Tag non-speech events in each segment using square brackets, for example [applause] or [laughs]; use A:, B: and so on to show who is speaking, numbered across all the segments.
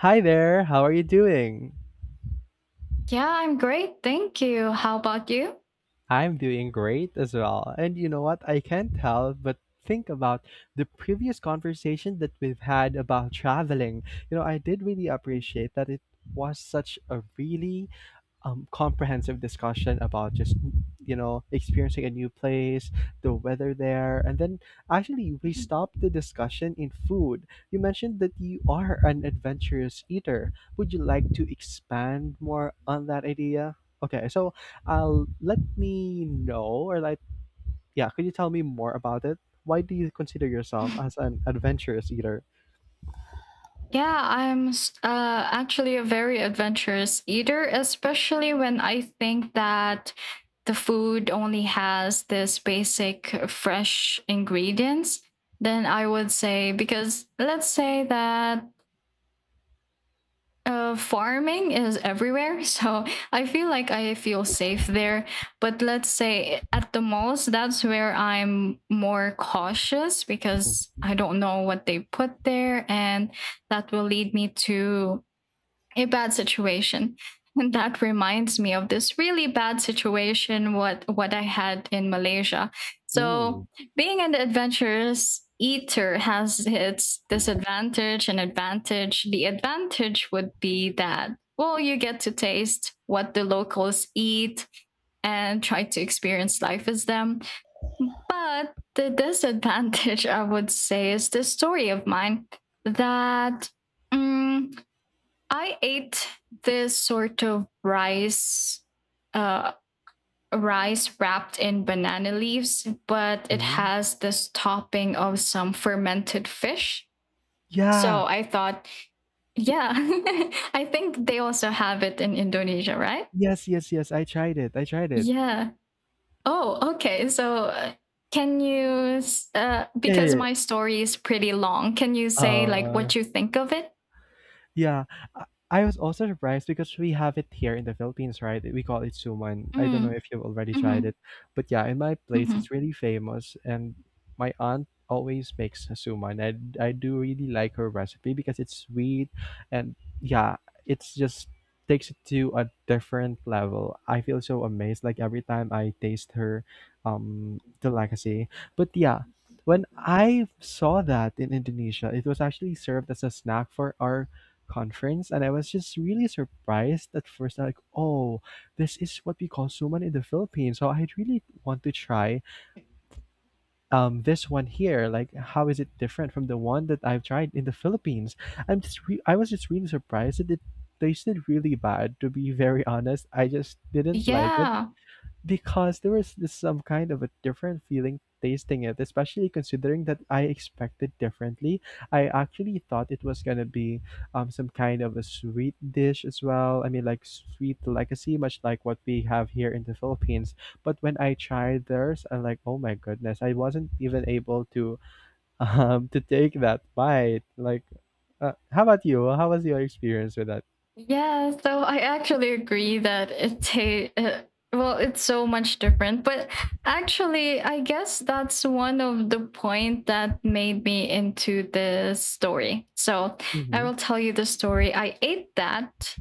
A: Hi there, how are you doing?
B: Yeah, I'm great. Thank you. How about you?
A: I'm doing great as well. And you know what? I can't help but think about the previous conversation that we've had about traveling. You know, I did really appreciate that it was such a really comprehensive discussion about just you know experiencing a new place, the weather there, and then actually we stopped the discussion in food. You mentioned that you are an adventurous eater. Would you like to expand more on that idea? Okay, so I'll let me know or like yeah, could you tell me more about it? Why do you consider yourself
B: [laughs]
A: as an adventurous eater?
B: Yeah, I'm actually a very adventurous eater, especially when I think that the food only has this basic fresh ingredients. Then I would say, because let's say that farming is everywhere, so I feel safe there. But let's say at the malls, that's where I'm more cautious because
A: Mm.
B: I don't know what they put there, and that will lead me to a bad situation. And that reminds me of this really bad situation what I had in Malaysia. So
A: Ooh.
B: being an adventurous eater has its disadvantage and advantage. The advantage would be that well, you get to taste what the locals eat and try to experience life as them. But the disadvantage, I would say, is this story of mine that um, I ate this sort of rice, uh, rice wrapped in banana leaves, but it
A: Mhm.
B: has this topping of some fermented fish. So
A: Yeah.
B: I thought, yeah, [laughs] I think they also have it in Indonesia, right?
A: Yes, yes, yes. I tried it. I tried it.
B: Yeah. Oh, okay. So can you,
A: Yeah, yeah,
B: because
A: yeah.
B: my story is pretty long, can you say like
A: Uh,
B: what you think of it?
A: Yeah, I I was also surprised because we have it here in the Philippines, right? We call it suman. I don't know
B: Mm,
A: if you've already tried
B: hmm
A: it, but yeah, in my place,
B: mm-hmm.
A: it's really famous, and my aunt always makes a suman. I do really like her recipe because it's sweet, and yeah, it's just takes it to a different level. I feel so amazed like every time I taste her, delicacy. But yeah. When I saw that in Indonesia, it was actually served as a snack for our conference, and I was just really surprised at first, like, oh, this is what we call suman in the Philippines, so I really want to try this one here, like how is it different from the one that I've tried in the Philippines. I was just really surprised that it tasted really bad, to be very honest. I just didn't like it
B: Yeah.
A: because there was this some kind of a different feeling tasting it, especially considering that I expected differently. I actually thought it was gonna be some kind of a sweet dish as well. I mean, like sweet legacy, much like what we have here in the Philippines. But when I tried theirs, I'm like, oh my goodness, I wasn't even able to [laughs] to take that bite. Like, how about you? How was your experience with that?
B: Yeah, so I actually agree that well, it's so much different. But actually, I guess that's one of the point that made me into this story. So I
A: Mm-hmm.
B: will tell you the story. I ate that,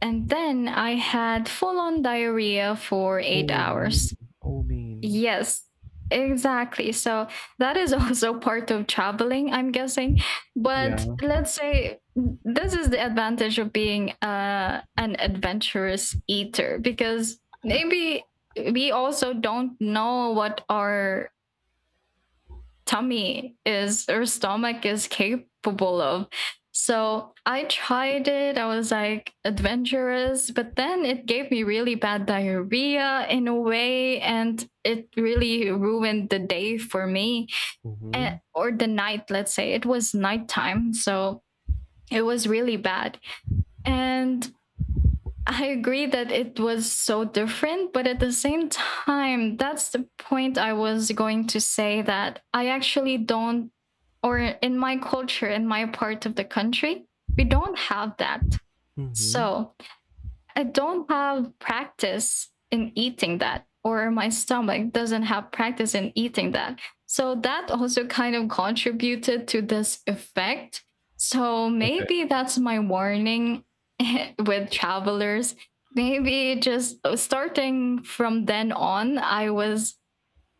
B: and then I had full on diarrhea for eight
A: Oh,
B: hours.
A: mean. Oh, mean.
B: Yes, exactly. So that is also [laughs] part of traveling, I'm guessing. But
A: Yeah.
B: this is the advantage of being an adventurous eater because maybe we also don't know what our tummy is, or stomach is capable of. So I tried it. I was like adventurous, but then it gave me really bad diarrhea in a way, and it really ruined the day for me eh,
A: Mm-hmm.
B: or the night, let's say. It was nighttime. So it was really bad. And I agree that it was so different, but at the same time, that's the point I was going to say that I actually don't, or in my culture, in my part of the country, we don't have that.
A: Mm-hmm.
B: So I don't have practice in eating that, or my stomach doesn't have practice in eating that. So that also kind of contributed to this effect. So maybe that's my warning [laughs] with travelers. Maybe just starting from then on, I was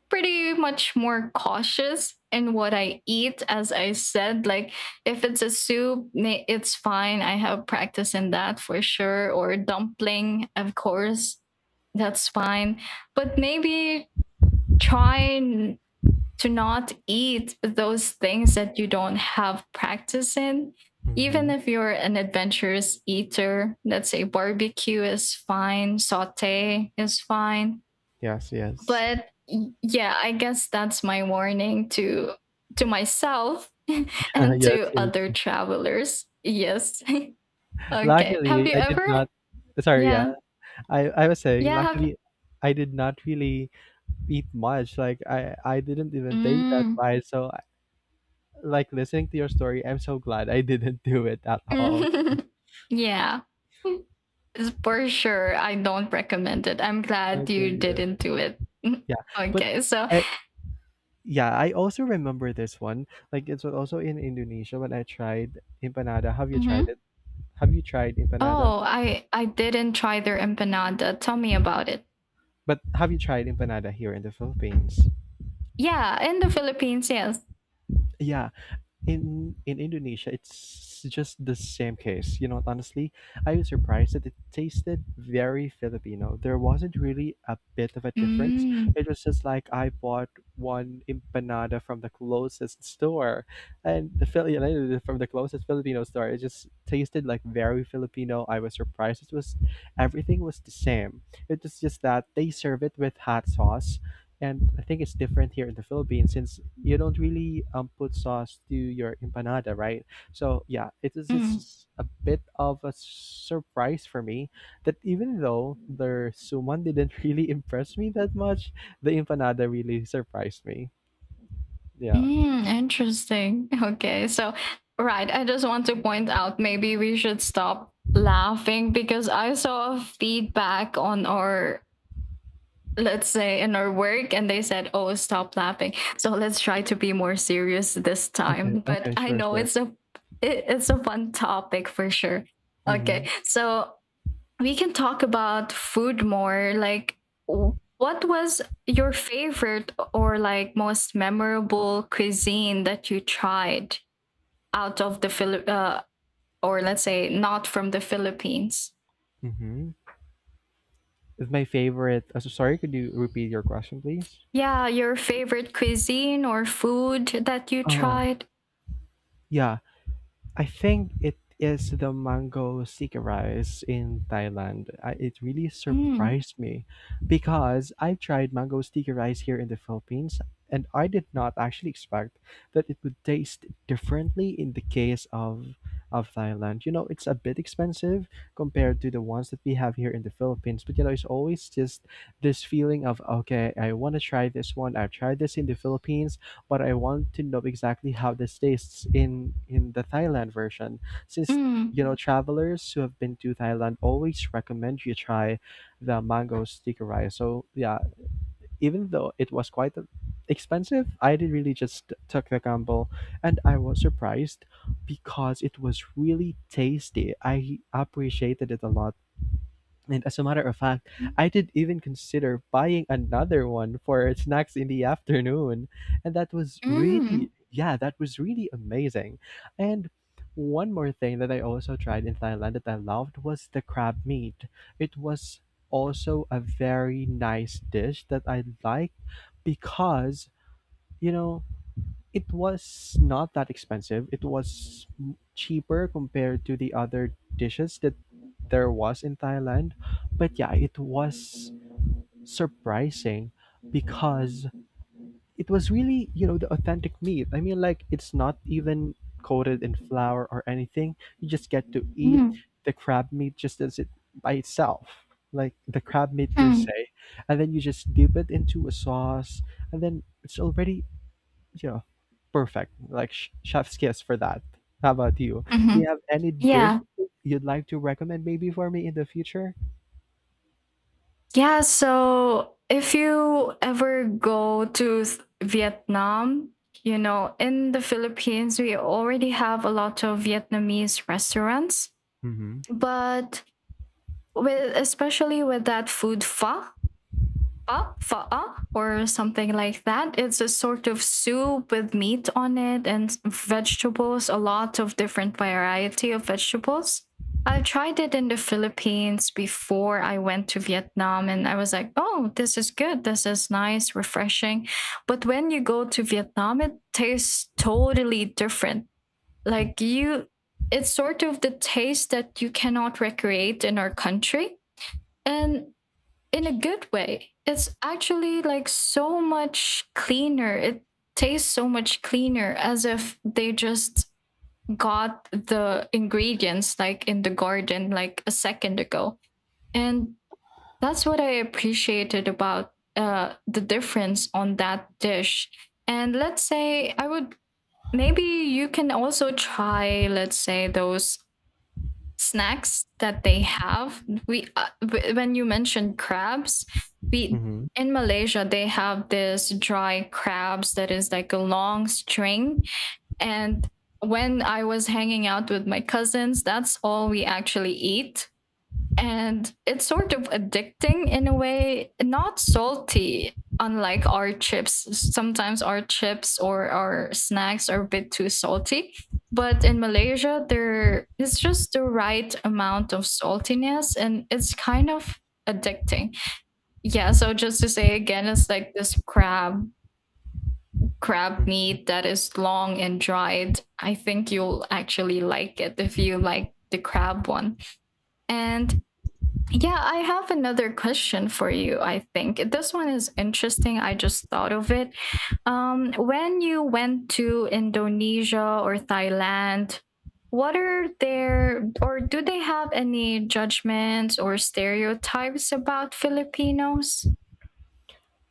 B: pretty much more cautious in what I eat. As I said, like if it's a soup, it's fine. I have practice in that for sure. Or dumpling, of course, that's fine. But maybe try n- to not eat those things that you don't have practice in.
A: Mm-hmm.
B: Even if you're an adventurous eater, let's say barbecue is fine, saute is fine,
A: Yes, yes.
B: but yeah, I guess that's my warning to myself [laughs]
A: [laughs]
B: and
A: Yes,
B: to other
A: yes.
B: travelers. Yes. [laughs] Okay, have
A: Luckily,
B: you
A: I did
B: ever
A: not. Sorry, yeah.
B: yeah,
A: I was saying,
B: yeah, have
A: luckily, I did not really eat much. Like, I didn't even take that
B: mm.
A: bite. So, I- like, listening to your story, I'm so glad I [laughs] didn't do it at all.
B: [laughs] Yeah. [laughs] For sure, I don't recommend it. I'm glad you
A: Okay, yeah.
B: didn't do it.
A: Yeah.
B: [laughs]
A: But
B: Okay, so
A: I, yeah, I also remember this one. Like, it's also in Indonesia when I tried empanada. Have you tried
B: mhm.
A: it? Have you tried empanada?
B: Oh, I didn't try their empanada. Tell me about it.
A: But have you tried empanada here in the Philippines?
B: Yeah, in the Philippines, yes.
A: Yeah, in Indonesia, it's just the same case. You know, honestly, I was surprised that it tasted very Filipino. There wasn't really a bit of a difference.
B: Mm.
A: It was just like I bought one empanada from the closest store, and the Filipino from the closest Filipino store. It just tasted like very Filipino. I was surprised. It was everything was the same. It was just that they serve it with hot sauce, and I think it's different here in the Philippines since you don't really put sauce to your empanada, right? So yeah, it is
B: Mm.
A: it's a bit of a surprise for me that even though the suman didn't [laughs] really impress me that much, the empanada really surprised me. Yeah.
B: Mm, interesting. [laughs] Okay. So, right. I just want to point out maybe we should stop laughing because I saw a feedback on our, let's say, in our work, and they said, oh, stop laughing. So, let's try to be more serious this
A: Okay.
B: time. But
A: Okay.
B: I
A: Sure.
B: know
A: Sure.
B: it's a it's a fun topic for sure.
A: Mm-hmm.
B: Okay. So we can talk about food more. Like, what was your favorite or like most memorable cuisine that you tried out of the or let's say not from the Philippines?
A: Mm-hmm. It's my favorite. So sorry, could you repeat your question, please?
B: Yeah, your favorite cuisine or food that you
A: Oh,
B: tried.
A: yeah. I think it is the mango sticky rice in Thailand. I, it really
B: Mm,
A: surprised me because I tried mango sticky rice here in the Philippines, and I did not actually expect that it would taste differently in the case of Thailand. You know, it's a bit expensive compared to the ones that we have here in the Philippines, but you know, it's always just this feeling of okay, I want to try this one. I've tried this in the Philippines, but I want to know exactly how this tastes in the Thailand version since
B: mm,
A: you know travelers who have been to Thailand always recommend you try the mango sticky rice. So yeah, even though it was quite expensive, I did really just took the gamble, and I was surprised because it was really tasty. I appreciated it a lot. And as a matter of fact, I did even consider buying another one for snacks in the afternoon. And that was
B: mm, mm,
A: really, yeah, that was really amazing. And one more thing that I also tried in Thailand that I loved was the crab meat. It was also a very nice dish that I liked because, you know, it was not that expensive. It was cheaper compared to the other dishes that there was in Thailand. But yeah, it was surprising because it was really, you know, the authentic meat. I mean, like, it's not even coated in flour or anything. You just get to eat
B: mm,
A: the crab meat just as it by itself. Like the crab meat per
B: mm.
A: se, and then you just dip it into a sauce, and then it's already, you know, perfect. Like chef's kiss for that. How about you? Do you
B: Mhm.
A: have any
B: Yeah.
A: dish you'd like to recommend maybe for me in the future?
B: Yeah, so if you ever go to Vietnam, you know, in the Philippines, we already have a lot of Vietnamese restaurants,
A: Mm-hmm.
B: but with especially with that food pho, fa fa'a or something like that. It's a sort of soup with meat on it and vegetables, a lot of different variety of vegetables. I tried it in the Philippines before I went to Vietnam and I was like, "Oh, this is good. This is nice, refreshing." But when you go to Vietnam, it tastes totally different. Like you It's sort of the taste that you cannot recreate in our country. And in a good way. It's actually like so much cleaner. It tastes so much cleaner as if they just got the ingredients like in the garden like a second ago. And that's what I appreciated about the difference on that dish. And let's say I would maybe you can also try, let's say, those snacks that they have. We When you mentioned crabs, we
A: Mm-hmm.
B: in Malaysia they have this dry crabs that is like a long string, and when I was hanging out with my cousins, that's all we actually eat. And it's sort of addicting in a way, not salty, unlike our chips. Sometimes our chips or our snacks are a bit too salty. But in Malaysia, there is just the right amount of saltiness and it's kind of addicting. Yeah, so just to say again, it's like this crab
A: Hmm.
B: meat that is long and dried. I think you'll actually like it if you like the crab one. And yeah, I have another question for you, I think. This one is interesting. I just thought of it. When you went to Indonesia or Thailand, what are their, or do they have any judgments or stereotypes about Filipinos?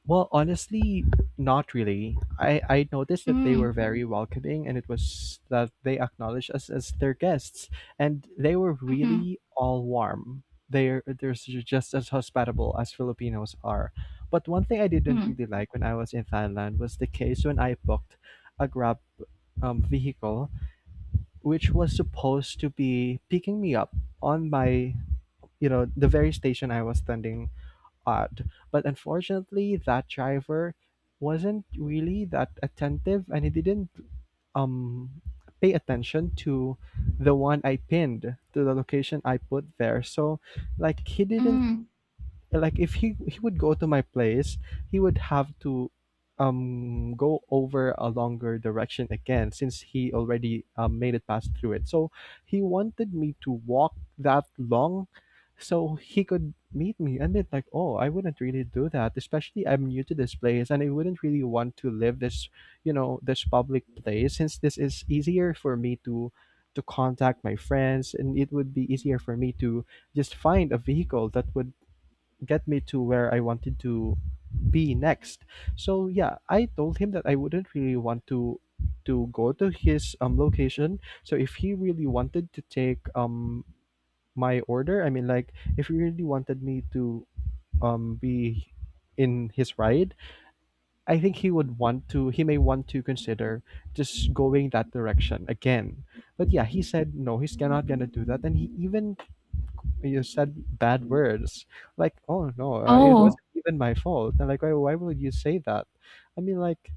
A: Well, honestly, not really. I noticed that they
B: Mm,
A: were very welcoming and it was that they acknowledged us as their guests, and they were
B: hmm
A: really all warm. They're just as hospitable as Filipinos are. But one thing I didn't
B: mm,
A: really like when I was in Thailand was the case when I booked a Grab vehicle, which was supposed to be picking me up on my, you know, the very station I was standing at. But unfortunately, that driver wasn't really that attentive, and he didn't um, pay attention to the one I pinned to the location I put there. So, like, he didn't
B: mm.
A: like if he would go to my place, he would have to go over a longer direction again since he already made it pass through it. So he wanted me to walk that long so he could meet me and be like, "Oh, I wouldn't really do that, especially I'm new to this place and I wouldn't really want to live this, you know, this public place since this is easier for me to contact my friends, and it would be easier for me to just find a vehicle that would get me to where I wanted to be next. So yeah, I told him that I wouldn't really want to go to his location. So if he really wanted to take my order, I mean like if he really wanted me to be in his ride, I think he would want to he may want to consider just going that direction again. But yeah, he said no, he's not gonna do that. And he even you said bad words. Like, oh no, it
B: Oh,
A: wasn't even my fault. And like, why would you say that? I mean, like,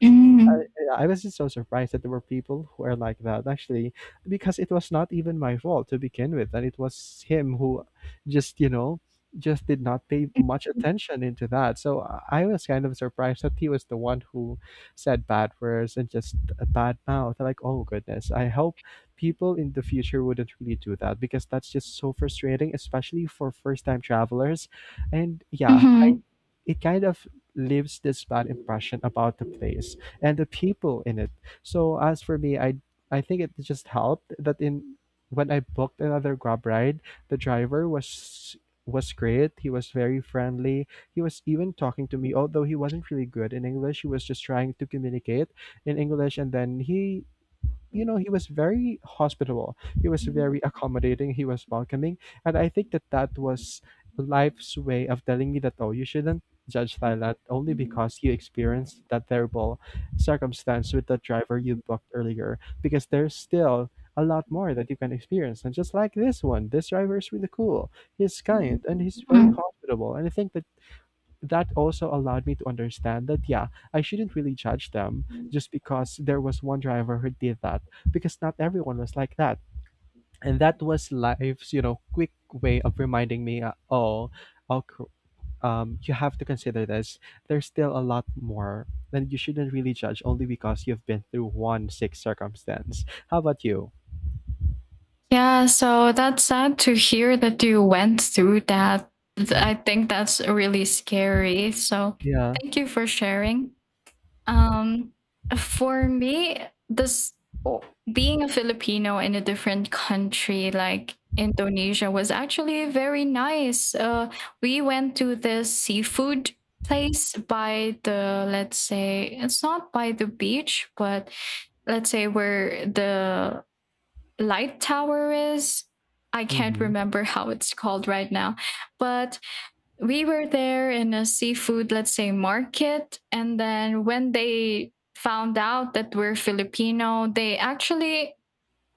B: mm,
A: I was just so surprised that there were people who are like that actually, because it was not even my fault to begin with, and it was him who just you know just did not pay much attention into that. So I was kind of surprised that he was the one who said bad words and just a bad mouth. Like oh goodness, I hope people in the future wouldn't really do that because that's just so frustrating, especially for first time travelers. And yeah,
B: mhm,
A: it kind of leaves this bad impression about the place and the people in it. So as for me, I think it just helped that in when I booked another Grab ride, the driver was great. He was very friendly. He was even talking to me, although he wasn't really good in English. He was just trying to communicate in English, and then he he was very hospitable, he was very accommodating, he was welcoming. And I think that that was life's way of telling me that, oh, you shouldn't judge Thailand only because you experienced that terrible circumstance with the driver you booked earlier, because there's still a lot more that you can experience. And just like this one, this driver is really cool. He's kind and he's very
B: mm.
A: hospitable. And I think that that also allowed me to understand that, yeah, I shouldn't really judge them just because there was one driver who did that, because not everyone was like that. And that was life's quick way of reminding me, oh, okay, you have to consider this. There's still a lot more, and you shouldn't really judge only because you've been through one sick circumstance. How about you?
B: Yeah, so that's sad to hear that you went through that.
A: Mm,
B: I think that's really scary. So
A: yeah.
B: thank you for sharing. Um, for me, this o- being a Filipino in a different country like Indonesia was actually very nice. We went to this seafood place by the, let's say, it's not by the beach, but let's say where the light tower is. I can't
A: Mm-hmm.
B: remember how it's called right now. But we were there in a seafood, let's say, market. And then when they found out that we're Filipino, they actually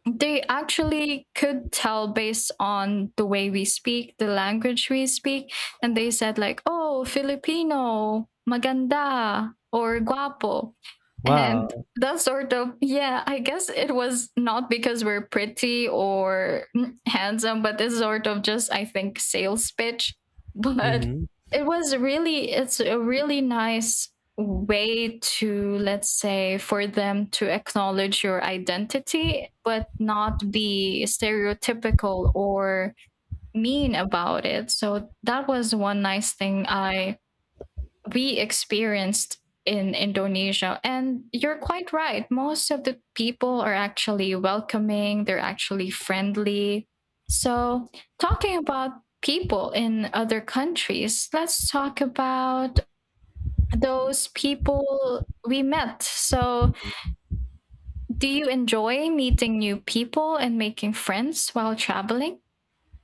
B: they actually could tell based on the way we speak, the language we speak, and they said like, "Oh, Filipino, maganda or guapo." And
A: Wow.
B: that sort of yeah, I guess it was not because we're pretty or mm, handsome, but it's sort of just I think sales pitch. [laughs] But
A: Mm-hmm.
B: it was really it's a really nice way to let's say for them to acknowledge your identity but not be stereotypical or mean about it. So that was one nice thing I we experienced in Indonesia. And you're quite right, most of the people are actually welcoming, they're actually friendly. So talking about people in other countries, let's talk about those people we met. So, do you enjoy meeting new people and making friends while traveling?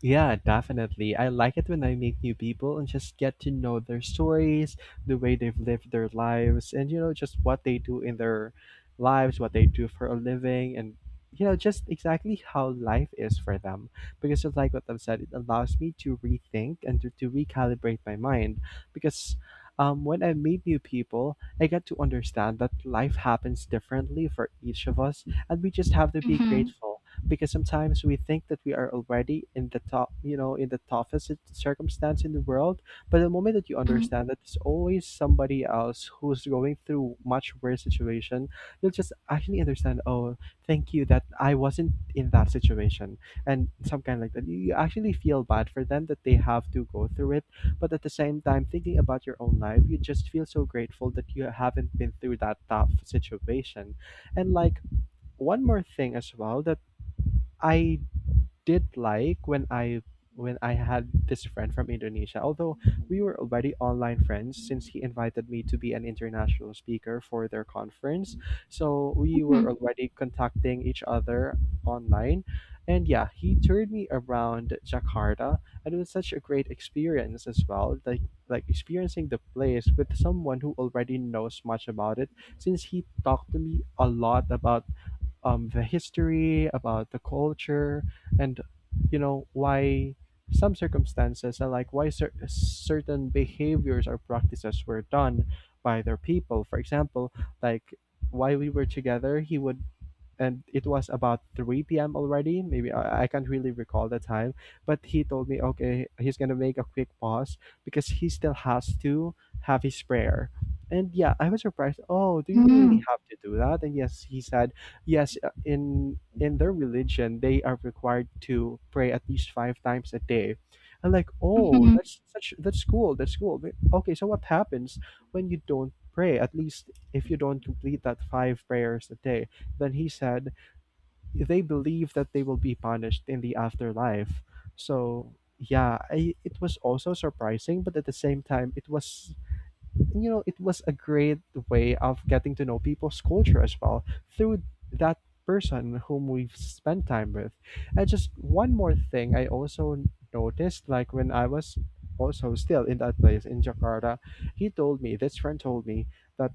A: Yeah, definitely. I like it when I meet new people and just get to know their stories, the way they've lived their lives, and, just what they do in their lives, what they do for a living, and, just exactly how life is for them. Because just like what I've said, it allows me to rethink and to recalibrate my mind. Because when I meet new people, I get to understand that life happens differently for each of us, and we just have to be
B: Mm-hmm.
A: grateful, because sometimes we think that we are already in the top, in the toughest circumstance in the world. But the moment that you
B: Mm-hmm.
A: understand that there's always somebody else who's going through much worse situation, you'll just actually understand. Oh, thank you that I wasn't in that situation, and some kind like that. You actually feel bad for them that they have to go through it, but at the same time, thinking about your own life, you just feel so grateful that you haven't been through that tough situation. And like one more thing as well, that I did like when I had this friend from Indonesia. Although we were already online friends, since he invited me to be an international speaker for their conference. So we were already contacting each other online. And yeah, he toured me around Jakarta, and it was such a great experience as well. Like experiencing the place with someone who already knows much about it, since he talked to me a lot about the history, about the culture, and why some circumstances, and like why certain behaviors or practices were done by their people. For example, like why we were together, he would, and it was about 3 p.m. already. Maybe I can't really recall the time, but he told me, okay, he's gonna make a quick pause because he still has to have his prayer. And yeah, I was surprised. Oh, do you
B: Mm-hmm.
A: really have to do that? And yes, he said, yes. In their religion, they are required to pray at least 5 times a day. I'm like, oh,
B: Mm-hmm.
A: that's such that's cool. That's cool. But, okay, so what happens when you don't pray? At least if you don't complete that 5 prayers a day, then he said they believe that they will be punished in the afterlife. So yeah, it was also surprising, but at the same time, it was it was a great way of getting to know people's culture as well, through that person whom we've spent time with. And just one more thing, I also noticed, like when I was also still in that place in Jakarta, he told me, this friend told me that,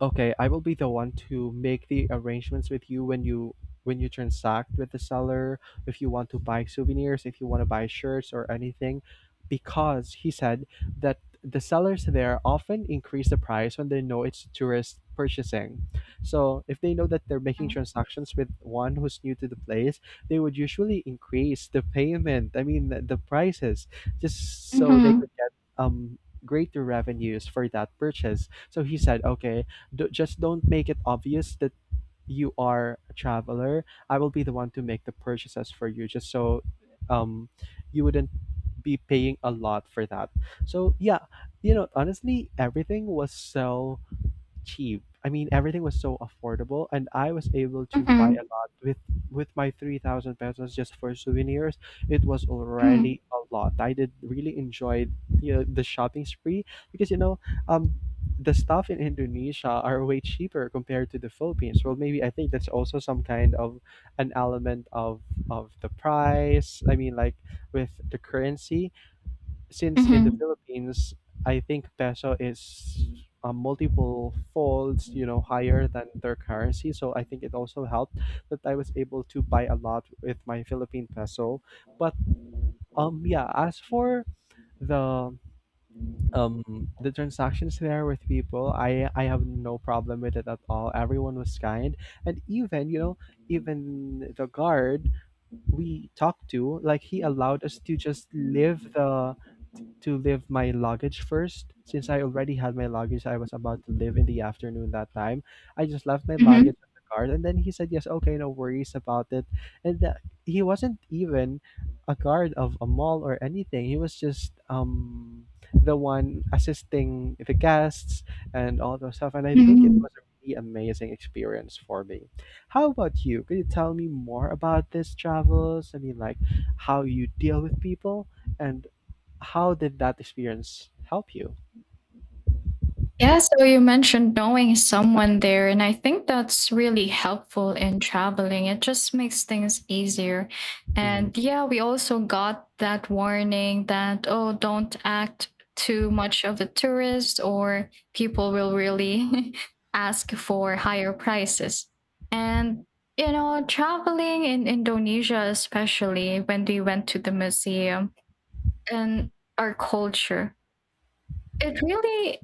A: okay, I will be the one to make the arrangements with you when you transact with the seller, if you want to buy souvenirs, if you want to buy shirts or anything, because he said that the sellers there often increase the price when they know it's tourist purchasing. So if they know that they're making transactions with one who's new to the place, they would usually increase the payment. I mean, the prices, just so they
B: Mm-hmm.
A: could get um greater revenues for that purchase. So he said, okay, just don't make it obvious that you are a traveler. I will be the one to make the purchases for you, just so um, you wouldn't be paying a lot for that. So yeah, honestly, everything was so cheap. I mean, everything was so affordable, and I was able to buy
B: Mm-hmm.
A: a lot with my 3,000 pesos just for souvenirs. It was
B: Mm-hmm.
A: already a lot. I did really enjoy the the shopping spree, because um, the stuff in Indonesia are way cheaper compared to the Philippines. Well, maybe I think that's also some kind of an element of the price. I mean, like with the currency, since in the
B: Mm-hmm.
A: Philippines, I think peso is multiple folds, higher than their currency. So I think it also helped that I was able to buy a lot with my Philippine peso. But yeah, as for the the transactions there with people, I have no problem with it at all. Everyone was kind, and even, even the guard we talked to, like he allowed us to just leave the to leave my luggage first. Since I already had my luggage, I was about to leave in the afternoon that time. I just left my luggage at the guard, and then he said, "Yes, okay, no worries about it." And that he wasn't even a guard of a mall or anything. He was just the one assisting the guests and all those stuff. And I think it
B: Mm-hmm.
A: was a really amazing experience for me. How about you? Could you tell me more about this travels? I mean, like how you deal with people and how did that experience help you?
B: Yeah, so you mentioned knowing someone there, and I think that's really helpful in traveling. It just makes things easier.
A: Mhm,
B: And yeah, we also got that warning that, oh, don't act too much of a tourist, or people will really [laughs] ask for higher prices. And, you know, traveling in Indonesia, especially when we went to the museum and our culture, it really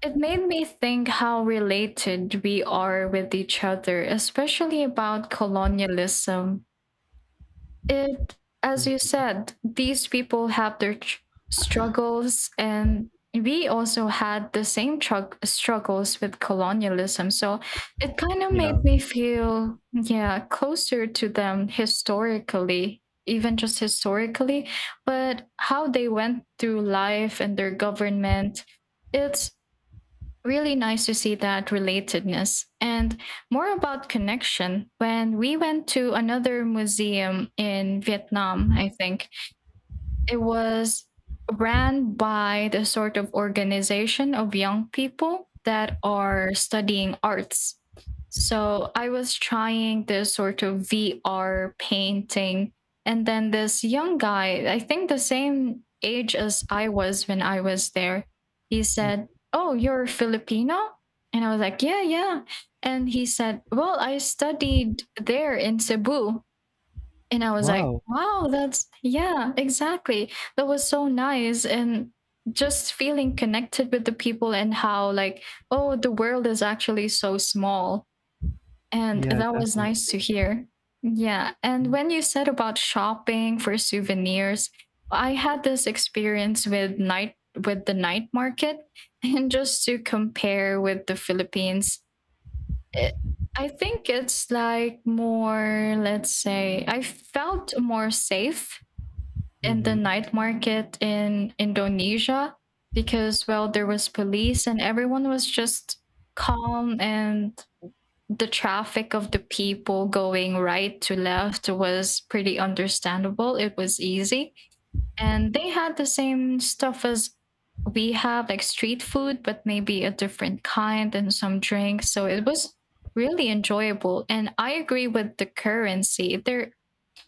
B: it made me think how related we are with each other, especially about colonialism. It, as you
A: mhm.
B: said, these people have their struggles, and we also had the same trug struggles with colonialism. So it kind of made
A: Yeah.
B: me feel, yeah, closer to them historically, even just historically, but how they went through life and their government. It's really nice to see that relatedness and more about connection when we went to another museum in Vietnam. I think it was ran by the sort of organization of young people that are studying arts. So I was trying this sort of VR painting. And then this young guy, I think the same age as I was when I was there, he said,
A: Mm.
B: "Oh, you're Filipino?" And I was like, "Yeah, yeah." And he said, "Well, I studied there in Cebu." And I was like,
A: Wow.
B: wow, that's, yeah, exactly. That was so nice. And just feeling connected with the people and how, like, oh, the world is actually so small. And
A: Yeah,
B: that was
A: definitely.
B: nice to hear. Yeah. And when you said about shopping for souvenirs, I had this experience with night with the night market [laughs] and just to compare with the Philippines, it I think it's like more, let's say, I felt more safe in the
A: Mm-hmm.
B: night market in Indonesia because, well, there was police and everyone was just calm and the traffic of the people going right to left was pretty understandable. It was easy. And they had the same stuff as we have, like street food, but maybe a different kind and some drinks. So it was really enjoyable. And I agree with the currency. There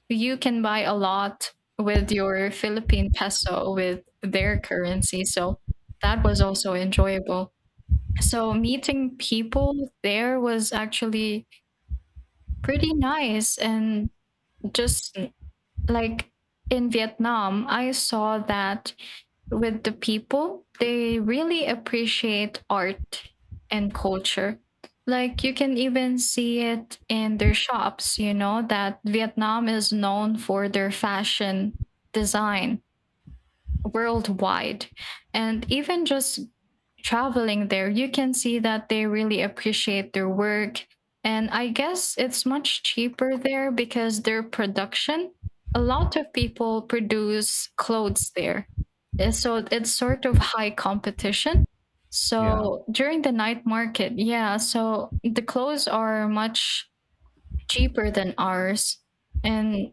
B: you can buy a lot with your Philippine peso with their currency. So that was also enjoyable. So meeting people there was actually pretty nice and just like in Vietnam, I saw that with the people, they really appreciate art and culture. Like you can even see it in their shops, you know, that Vietnam is known for their fashion design worldwide. And even just traveling there, you can see that they really appreciate their work. And I guess it's much cheaper there because their production, a lot of people produce clothes there. And so it's sort of high competition.
A: Yeah.
B: So during the night market, yeah, so the clothes are much cheaper than ours. And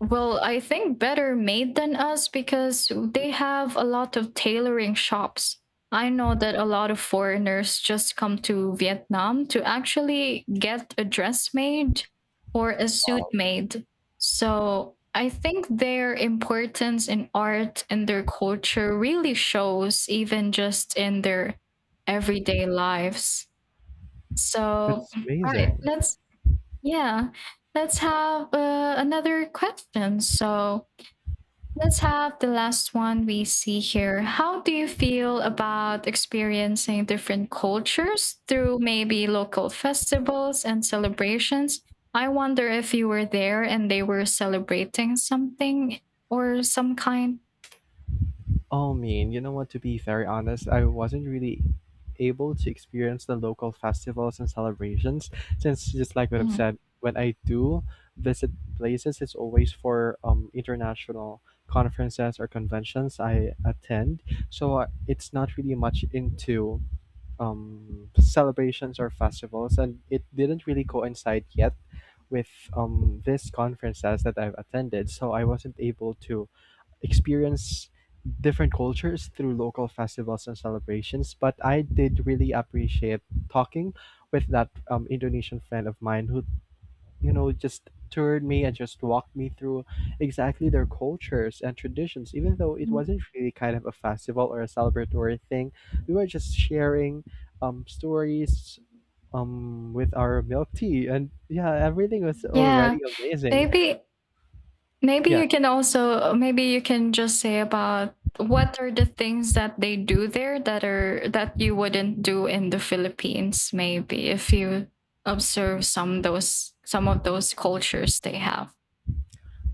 B: well, I think better made than us because they have a lot of tailoring shops. I know that a lot of foreigners just come to Vietnam to actually get a dress made or a suit
A: Wow.
B: made. So I think their importance in art and their culture really shows even just in their everyday lives. So,
A: That's
B: right,
A: amazing.
B: let's, yeah, let's have another question. So, let's have the last one we see here. How do you feel about experiencing different cultures through maybe local festivals and celebrations? I wonder if you were there and they were celebrating something or some kind.
A: Oh, mean, you know what? To be very honest, I wasn't really able to experience the local festivals and celebrations, since, just like what I've
B: Mm.
A: said, when I do visit places, it's always for international conferences or conventions I attend. So it's not really much into celebrations or festivals, and it didn't really coincide yet with these conferences that I've attended. So I wasn't able to experience different cultures through local festivals and celebrations. But I did really appreciate talking with that Indonesian friend of mine who, just toured me and just walked me through exactly their cultures and traditions, even though it wasn't really kind of a festival or a celebratory thing. We were just sharing stories with our milk tea. And yeah, everything was
B: Yeah,
A: already amazing.
B: maybe maybe
A: Yeah,
B: you can also maybe you can just say about what are the things that they do there that are that you wouldn't do in the Philippines maybe if you observe some those some of those cultures they have.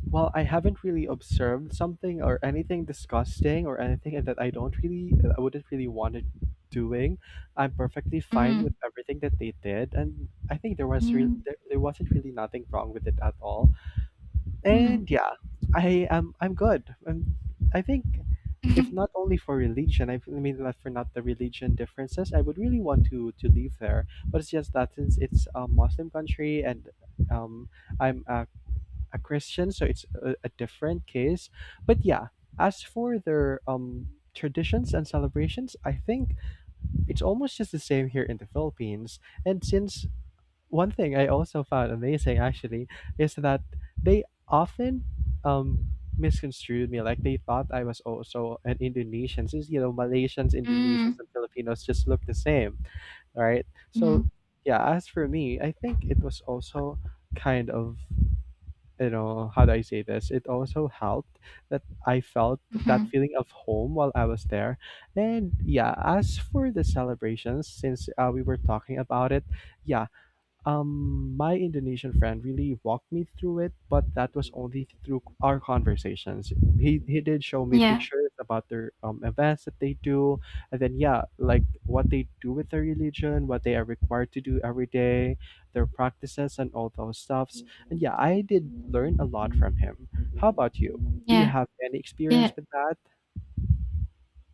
A: well, I haven't really observed something or anything disgusting or anything that I don't really, I wouldn't really want it doing. I'm perfectly fine with
B: Mm,
A: everything that they did, and I think there was real,
B: mm,
A: there wasn't really nothing wrong with it at all.
B: mm,
A: And yeah, I'm good. And I think, if not
B: [laughs]
A: only for religion, I mean that, for not the religion differences, I would really want to live there. But it's just that since it's a Muslim country and um, I'm a Christian, so it's a different case. But yeah, as for their traditions and celebrations, I think it's almost just the same here in the Philippines. And since one thing I also found amazing actually is that they often um misconstrued me, like they thought I was also an Indonesian, since, you know, Malaysians, Indonesians
B: mm,
A: and Filipinos just look the same, right? So
B: mm,
A: yeah, as for me, I think it was also kind of, you know, how do I say this? It also helped that I felt that
B: mhm.
A: feeling of home while I was there. And yeah, as for the celebrations, since we were talking about it, yeah, my Indonesian friend really walked me through it, but that was only through our conversations. He did show me
B: Yeah,
A: pictures about their events that they do, and then yeah, like what they do with their religion, what they are required to do every day, their practices and all those stuffs. And yeah, I did learn a lot from him. How about you? Do you
B: yeah,
A: have any
B: yeah.
A: experience with that?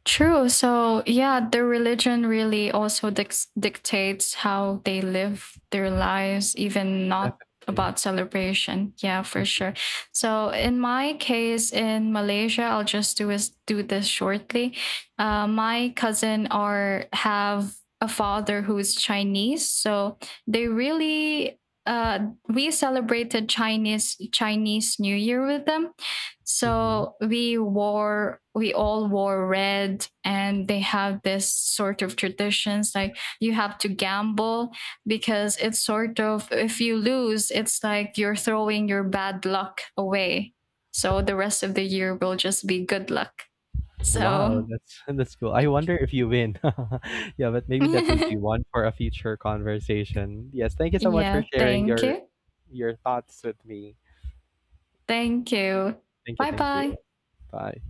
B: True. So, yeah, their religion really also dictates how they live their lives, even not
A: Definitely.
B: about celebration. Yeah, for sure. So, in my case in Malaysia, I'll just do is do this shortly. My cousin are have a father who's Chinese, so they really we celebrated Chinese New Year with them,
A: Hmm.
B: so we wore, we all wore red, and they have this sort of traditions like you have to gamble because it's sort of, if you lose, it's like you're throwing your bad luck away. So the rest of the year will just be good luck.
A: Wow,
B: So,
A: that's [laughs] that's cool. I wonder if you win. [laughs] Yeah, but
B: [laughs]
A: maybe that would
B: yeah,
A: be one for a future conversation. Yes, thank you so much for sharing
B: thank
A: your
B: you.
A: thoughts with me.
B: Thank you.
A: Thank you,
B: Bye
A: thank you.
B: bye.
A: Bye.